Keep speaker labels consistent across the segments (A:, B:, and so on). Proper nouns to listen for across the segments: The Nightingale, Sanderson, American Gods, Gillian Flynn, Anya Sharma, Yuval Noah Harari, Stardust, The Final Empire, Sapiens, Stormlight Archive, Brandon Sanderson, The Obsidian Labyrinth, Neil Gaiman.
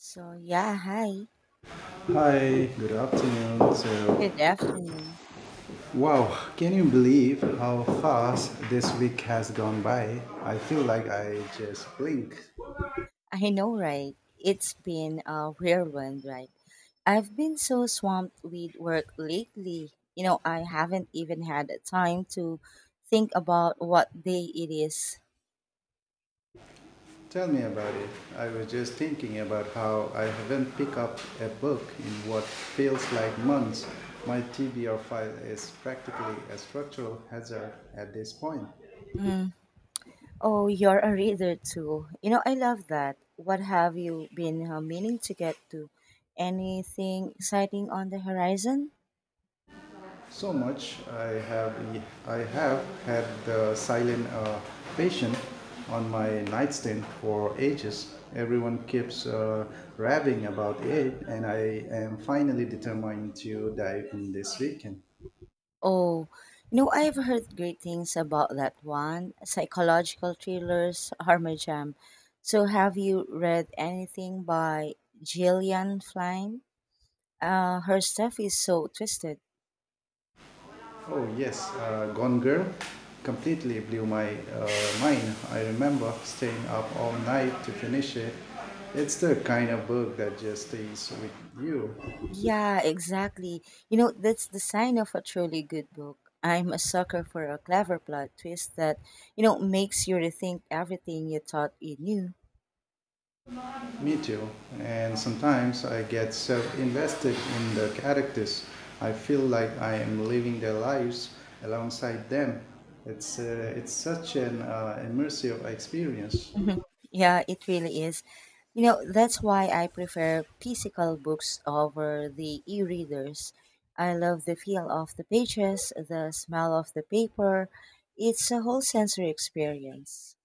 A: So, yeah, hi.
B: Hi, good afternoon. So,
A: Good afternoon.
B: wow, can you believe how fast this week has gone by? I feel like I just blinked.
A: I know, right? It's been a whirlwind, right? I've been so swamped with work lately. You know, I haven't even had time to think about what day it is.
B: Tell me about it. I was just thinking about how I haven't picked up a book in what feels like months. My TBR file is practically a structural hazard at this point.
A: Mm. Oh, you're a reader too. You know, I love that. What have you been meaning to get to? Anything exciting on the horizon?
B: So much. I have had the silent patient on my nightstand for ages. Everyone keeps raving about it, and I am finally determined to dive in this weekend.
A: Oh, you know, I've heard great things about that one. Psychological thrillers are my jam. So, have you read anything by Gillian Flynn? Her stuff is so twisted.
B: Oh yes, Gone Girl completely blew my mind. I remember staying up all night to finish it. It's the kind of book that just stays with you.
A: Yeah, exactly. You know, that's the sign of a truly good book. I'm a sucker for a clever plot twist that, you know, makes you rethink everything you thought you knew.
B: Me too. And sometimes I get so invested in the characters. I feel like I am living their lives alongside them. It's such an immersive experience.
A: Yeah, it really is. You know, that's why I prefer physical books over the e readers. I love the feel of the pages, the smell of the paper. It's a whole sensory experience.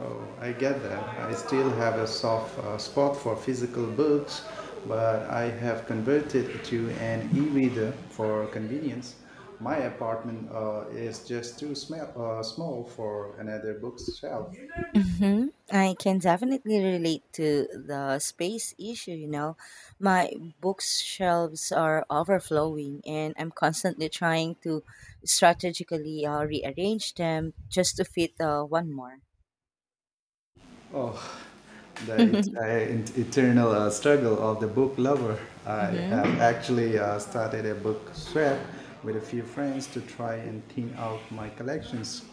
B: Oh, I get that. I still have a soft spot for physical books, but I have converted to an e reader for convenience. My apartment is just too small for another bookshelf.
A: I can definitely relate to the space issue, you know. My bookshelves are overflowing, and I'm constantly trying to strategically rearrange them just to fit one more.
B: Oh, the it, uh, in- eternal struggle of the book lover. I
A: hmm
B: have actually started a book swap with a few friends to try and thin out my collections.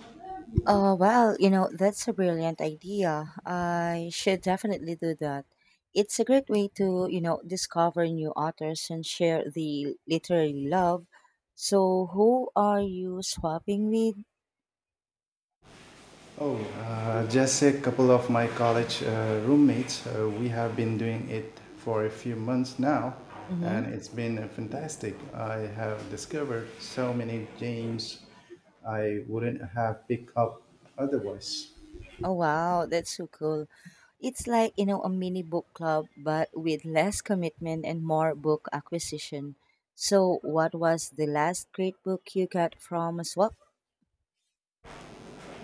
A: Well, you know, that's a brilliant idea. I should definitely do that. It's a great way to, you know, discover new authors and share the literary love. So, who are you swapping with?
B: Oh, just a couple of my college roommates. We have been doing it for a few months now,
A: Mm-hmm.
B: and it's been fantastic. I have discovered so many games I wouldn't have picked up otherwise.
A: Oh, wow, that's so cool. It's like, you know, a mini book club, but with less commitment and more book acquisition. So, what was the last great book you got from a swap?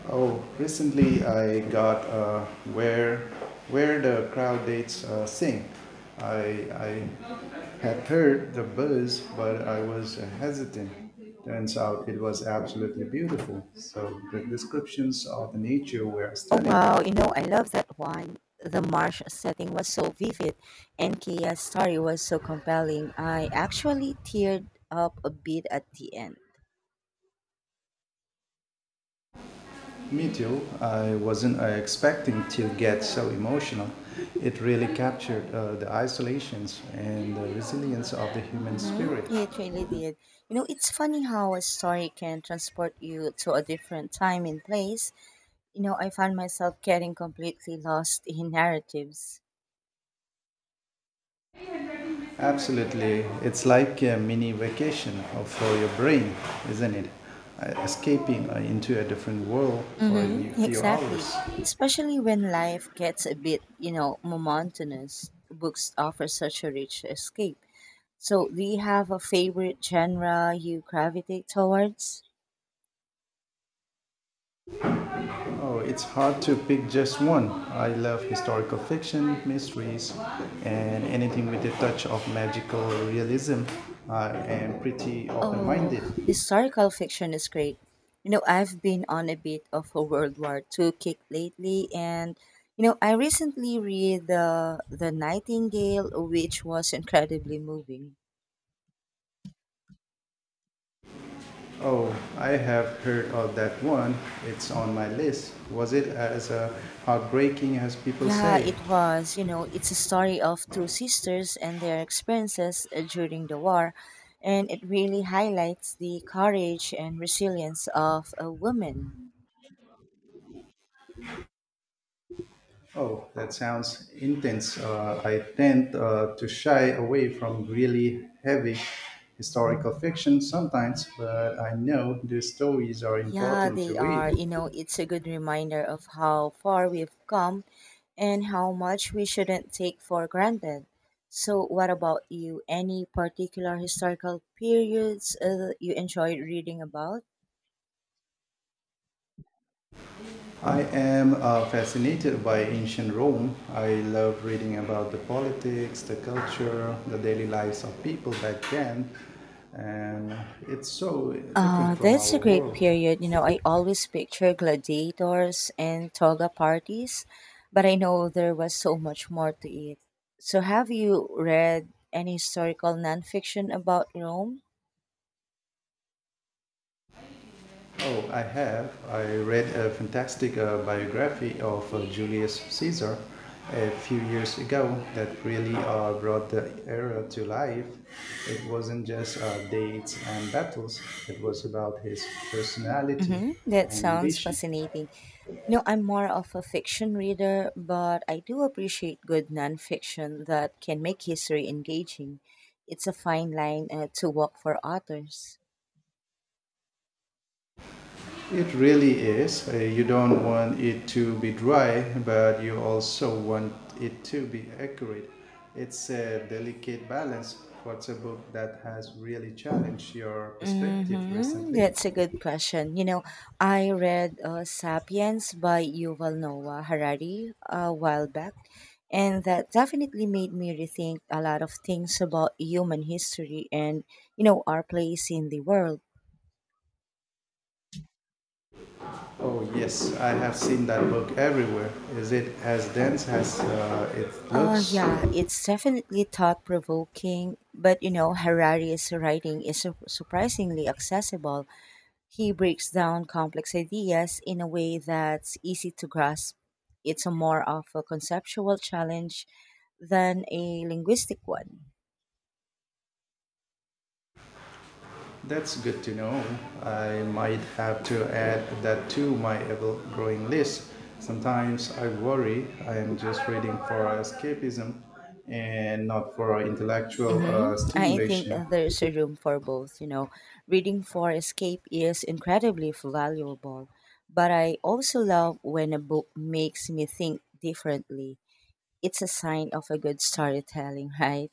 B: Oh, recently I got where where the crowd dates sing. I had heard the buzz, but I was hesitant. Turns out it was absolutely beautiful. So the descriptions of the nature were
A: Oh
B: stunning.
A: wow, you know, I love that one. The marsh setting was so vivid and Kia's story was so compelling. I actually teared up a bit at the end.
B: Me too. I wasn't expecting to get so emotional. It really captured the isolations and the resilience of the human
A: Mm-hmm.
B: spirit.
A: Yeah, it really did. You know, it's funny how a story can transport you to a different time and place. You know, I found myself getting completely lost in narratives.
B: Absolutely. It's like a mini for your brain, isn't it? Escaping into a different world for a
A: Mm-hmm,
B: few
A: exactly.
B: hours.
A: Especially when life gets a bit, you know, monotonous, books offer such a rich escape. So, do you have a favorite genre you gravitate towards?
B: Oh, it's hard to pick just one. I love historical fiction, mysteries, and anything with a touch of magical realism. I am pretty open
A: Oh,
B: minded.
A: historical fiction is great. You know, I've been on a bit of a World War Two kick lately, and you know, I recently read the Nightingale, which was incredibly moving.
B: Oh, I have heard of that one. It's on my list. Was it as heartbreaking as people
A: Yeah,
B: say?
A: it was. You know, it's a story of two sisters and their experiences during the war, and it really highlights the courage and resilience of a woman.
B: Oh, that sounds intense. I tend to shy away from really heavy historical fiction sometimes, but I know these stories are
A: Yeah,
B: important to
A: they
B: read.
A: are. You know, it's a good reminder of how far we've come and how much we shouldn't take for granted. So, what about you? Any particular historical periods you enjoyed reading about?
B: I am fascinated by ancient Rome. I love reading about the politics, the culture, the daily lives of people back then, and it's so different from
A: That's
B: our
A: a great
B: world.
A: period. You know, I always picture gladiators and toga parties, but I know there was so much more to it. So, have you read any historical nonfiction about Rome?
B: Oh, I have. I read a fantastic biography of Julius Caesar a few years ago that really brought the era to life. It wasn't just dates and battles, it was about his personality
A: Mm-hmm. That
B: and
A: sounds
B: ambition.
A: fascinating. No, I'm more of a fiction reader, but I do appreciate good nonfiction that can make history engaging. It's a fine line to walk for authors.
B: It really is. You don't want it to be dry, but you also want it to be accurate. It's a delicate balance. What's a book that has really challenged your perspective
A: Mm-hmm.
B: recently?
A: That's a good question. You know, I read *Sapiens* by Yuval Noah Harari a while back, and that definitely made me rethink a lot of things about human history and, you know, our place in the world.
B: Oh, yes, I have seen that book everywhere. Is it as dense as it looks?
A: Yeah, it's definitely thought provoking, but, you know, Harari's writing is surprisingly accessible. He breaks down complex ideas in a way that's easy to grasp. It's a more of a conceptual challenge than a linguistic one.
B: That's good to know. I might have to add that to my ever growing list. Sometimes I worry I am just reading for escapism and not for intellectual
A: Mm-hmm. I think
B: stimulation.
A: there's a room for both. You know, reading for escape is incredibly valuable, but I also love when a book makes me think differently. It's a sign of a good storytelling, right?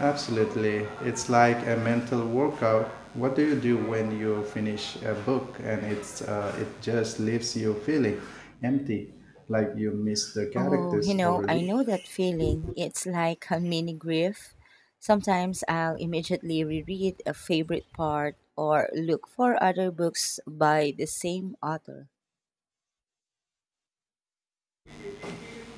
B: Absolutely. It's like a mental workout. What do you do when you finish a book and it just leaves you feeling empty, like you miss the
A: Oh, you
B: characters
A: know, I
B: already?
A: know that feeling. It's like a mini grief. Sometimes I'll immediately reread a favorite part or look for other books by the same author.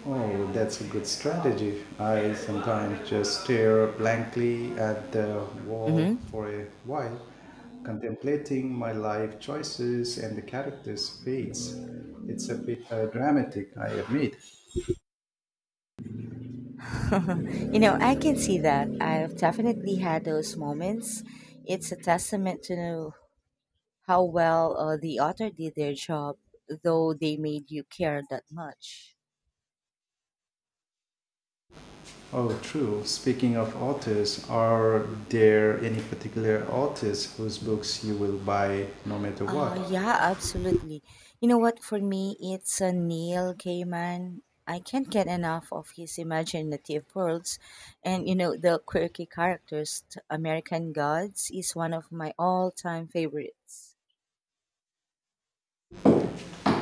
B: Oh, that's a good strategy. I sometimes just stare blankly at the wall
A: Mm-hmm.
B: for a while, contemplating my life choices and the characters' fates. It's a bit dramatic, I admit.
A: You know, I can see that. I've definitely had those moments. It's a testament to how well the author did their job, though they made you care that much.
B: Oh, true. Speaking of authors, are there any particular authors whose books you will buy no matter what?
A: Yeah, absolutely. You know what? For me, it's a Neil Gaiman. I can't get enough of his imaginative worlds, and you know the quirky characters. American Gods is one of my all-time favorites.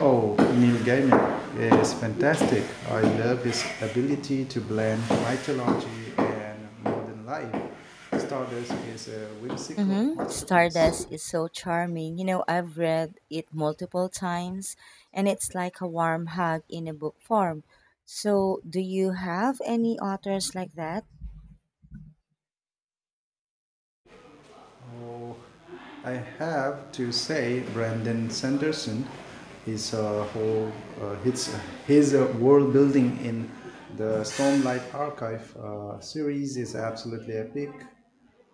B: Oh, Neil Gaiman is fantastic. I love his ability to blend mythology and modern life. Stardust is a whimsical
A: Mm-hmm.
B: masterpiece.
A: Stardust is so charming. You know, I've read it multiple times, and it's like a warm hug in a book form. So, do you have any authors like that?
B: Oh, I have to say, Brandon Sanderson is a whole uh, his his world building in the Stormlight Archive series is absolutely epic.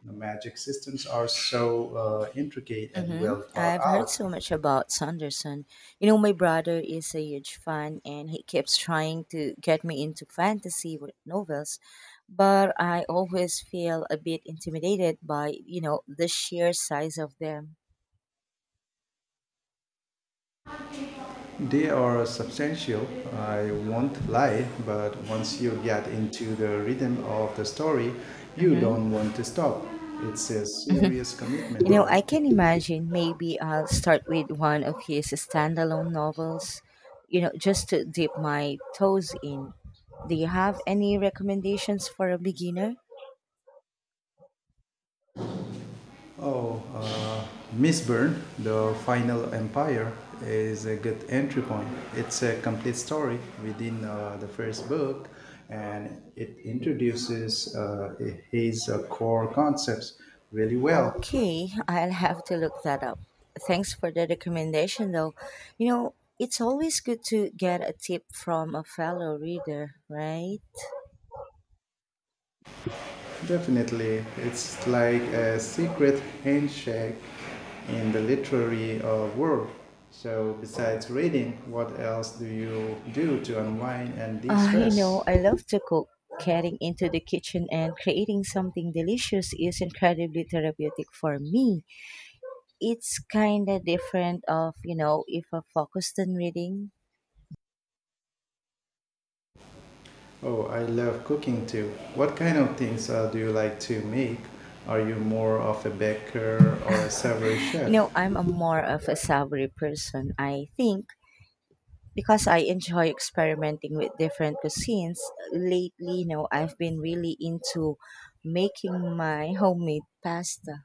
B: The magic systems are so intricate and
A: Mm-hmm.
B: well thought
A: I've heard
B: out.
A: so much about Sanderson. You know, my brother is a huge fan and he keeps trying to get me into fantasy novels, but I always feel a bit intimidated by, you know, the sheer size of them.
B: They are substantial. I won't lie, but once you get into the rhythm of the story, you don't
A: Mm-hmm.
B: want to stop. It's a serious commitment,
A: You know, I
B: though.
A: can imagine maybe I'll start with one of his standalone novels, you know, just to dip my toes in. Do you have any recommendations for a beginner?
B: Oh, Miss Byrne, The Final Empire, is a good entry point. It's a complete story within the first book, and it introduces his core concepts really well.
A: Okay, I'll have to look that up. Thanks for the recommendation, though. You know, it's always good to get a tip from a fellow reader, right?
B: Definitely, it's like a secret handshake in the literary world. So, besides reading, what else do you do to unwind and de
A: You know,
B: stress?
A: I love to cook. Getting into the kitchen and creating something delicious is incredibly therapeutic for me. It's kind of different of, you know, if I focused on reading.
B: Oh, I love cooking too. What kind of things do you like to make? Are you more of a baker or a savory
A: You
B: chef?
A: know, I'm a more of a savory person, I think, because I enjoy experimenting with different cuisines. Lately, you know, I've been really into making my homemade pasta.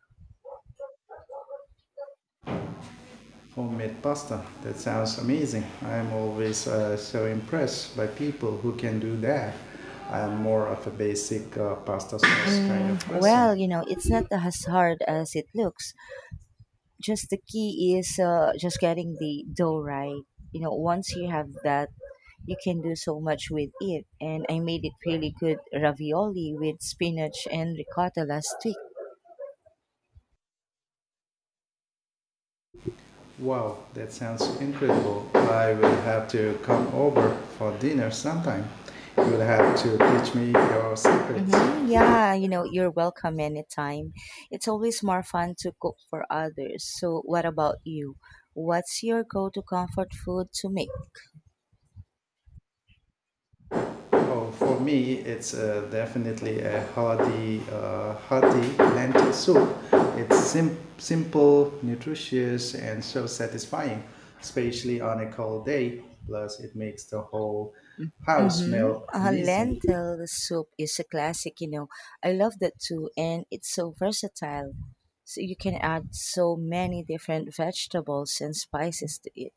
B: Homemade pasta. That sounds amazing. I'm always so impressed by people who can do that. I'm more of a basic pasta sauce kind of
A: Mm,
B: person.
A: well, you know, it's not as hard as it looks. Just the key is just getting the dough right. You know, once you have that, you can do so much with it. And I made it really good ravioli with spinach and ricotta last week.
B: Wow, that sounds incredible. I will have to come over for dinner sometime. You will have to teach me your secrets.
A: Mm-hmm. Yeah, you know, you're welcome anytime. It's always more fun to cook for others. So, what about you? What's your go to comfort food to make?
B: Oh, for me, it's definitely a hearty lentil soup. It's simple, nutritious, and so satisfying, especially on a cold day. Plus, it makes the whole house
A: Mm-hmm.
B: smell amazing.
A: Lentil soup is a classic, you know. I love that too, and it's so versatile. So, you can add so many different vegetables and spices to it.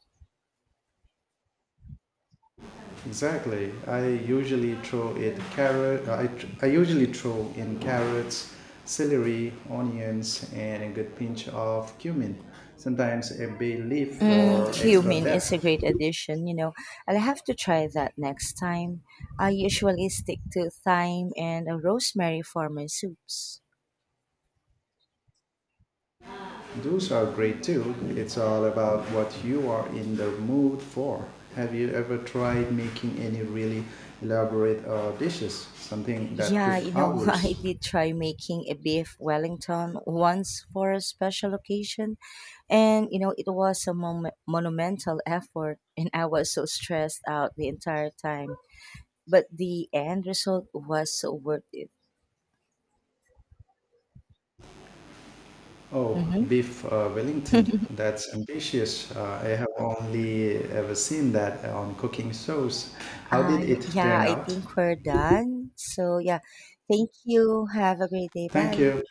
B: Exactly. I usually throw in carrots, celery, onions, and a good pinch of cumin. Sometimes a bay leaf
A: Mm,
B: for extra
A: cumin is a
B: depth.
A: great addition, you know. I'll have to try that next time. I usually stick to thyme and rosemary for my soups.
B: Those are great too. It's all about what you are in the mood for. Have you ever tried making any really elaborate dishes? Something that took
A: Yeah, you know, I
B: hours?
A: did try making a beef Wellington once for a special occasion, and you know, it was a monumental effort, and I was so stressed out the entire time. But the end result was so worth it.
B: Oh,
A: Mm-hmm.
B: beef Wellington. That's ambitious. I have only ever seen that on cooking shows. How did
A: I
B: it
A: yeah,
B: turn
A: I
B: out?
A: think we're done. So yeah, thank you. Have a great day.
B: Thank
A: Bye.
B: you.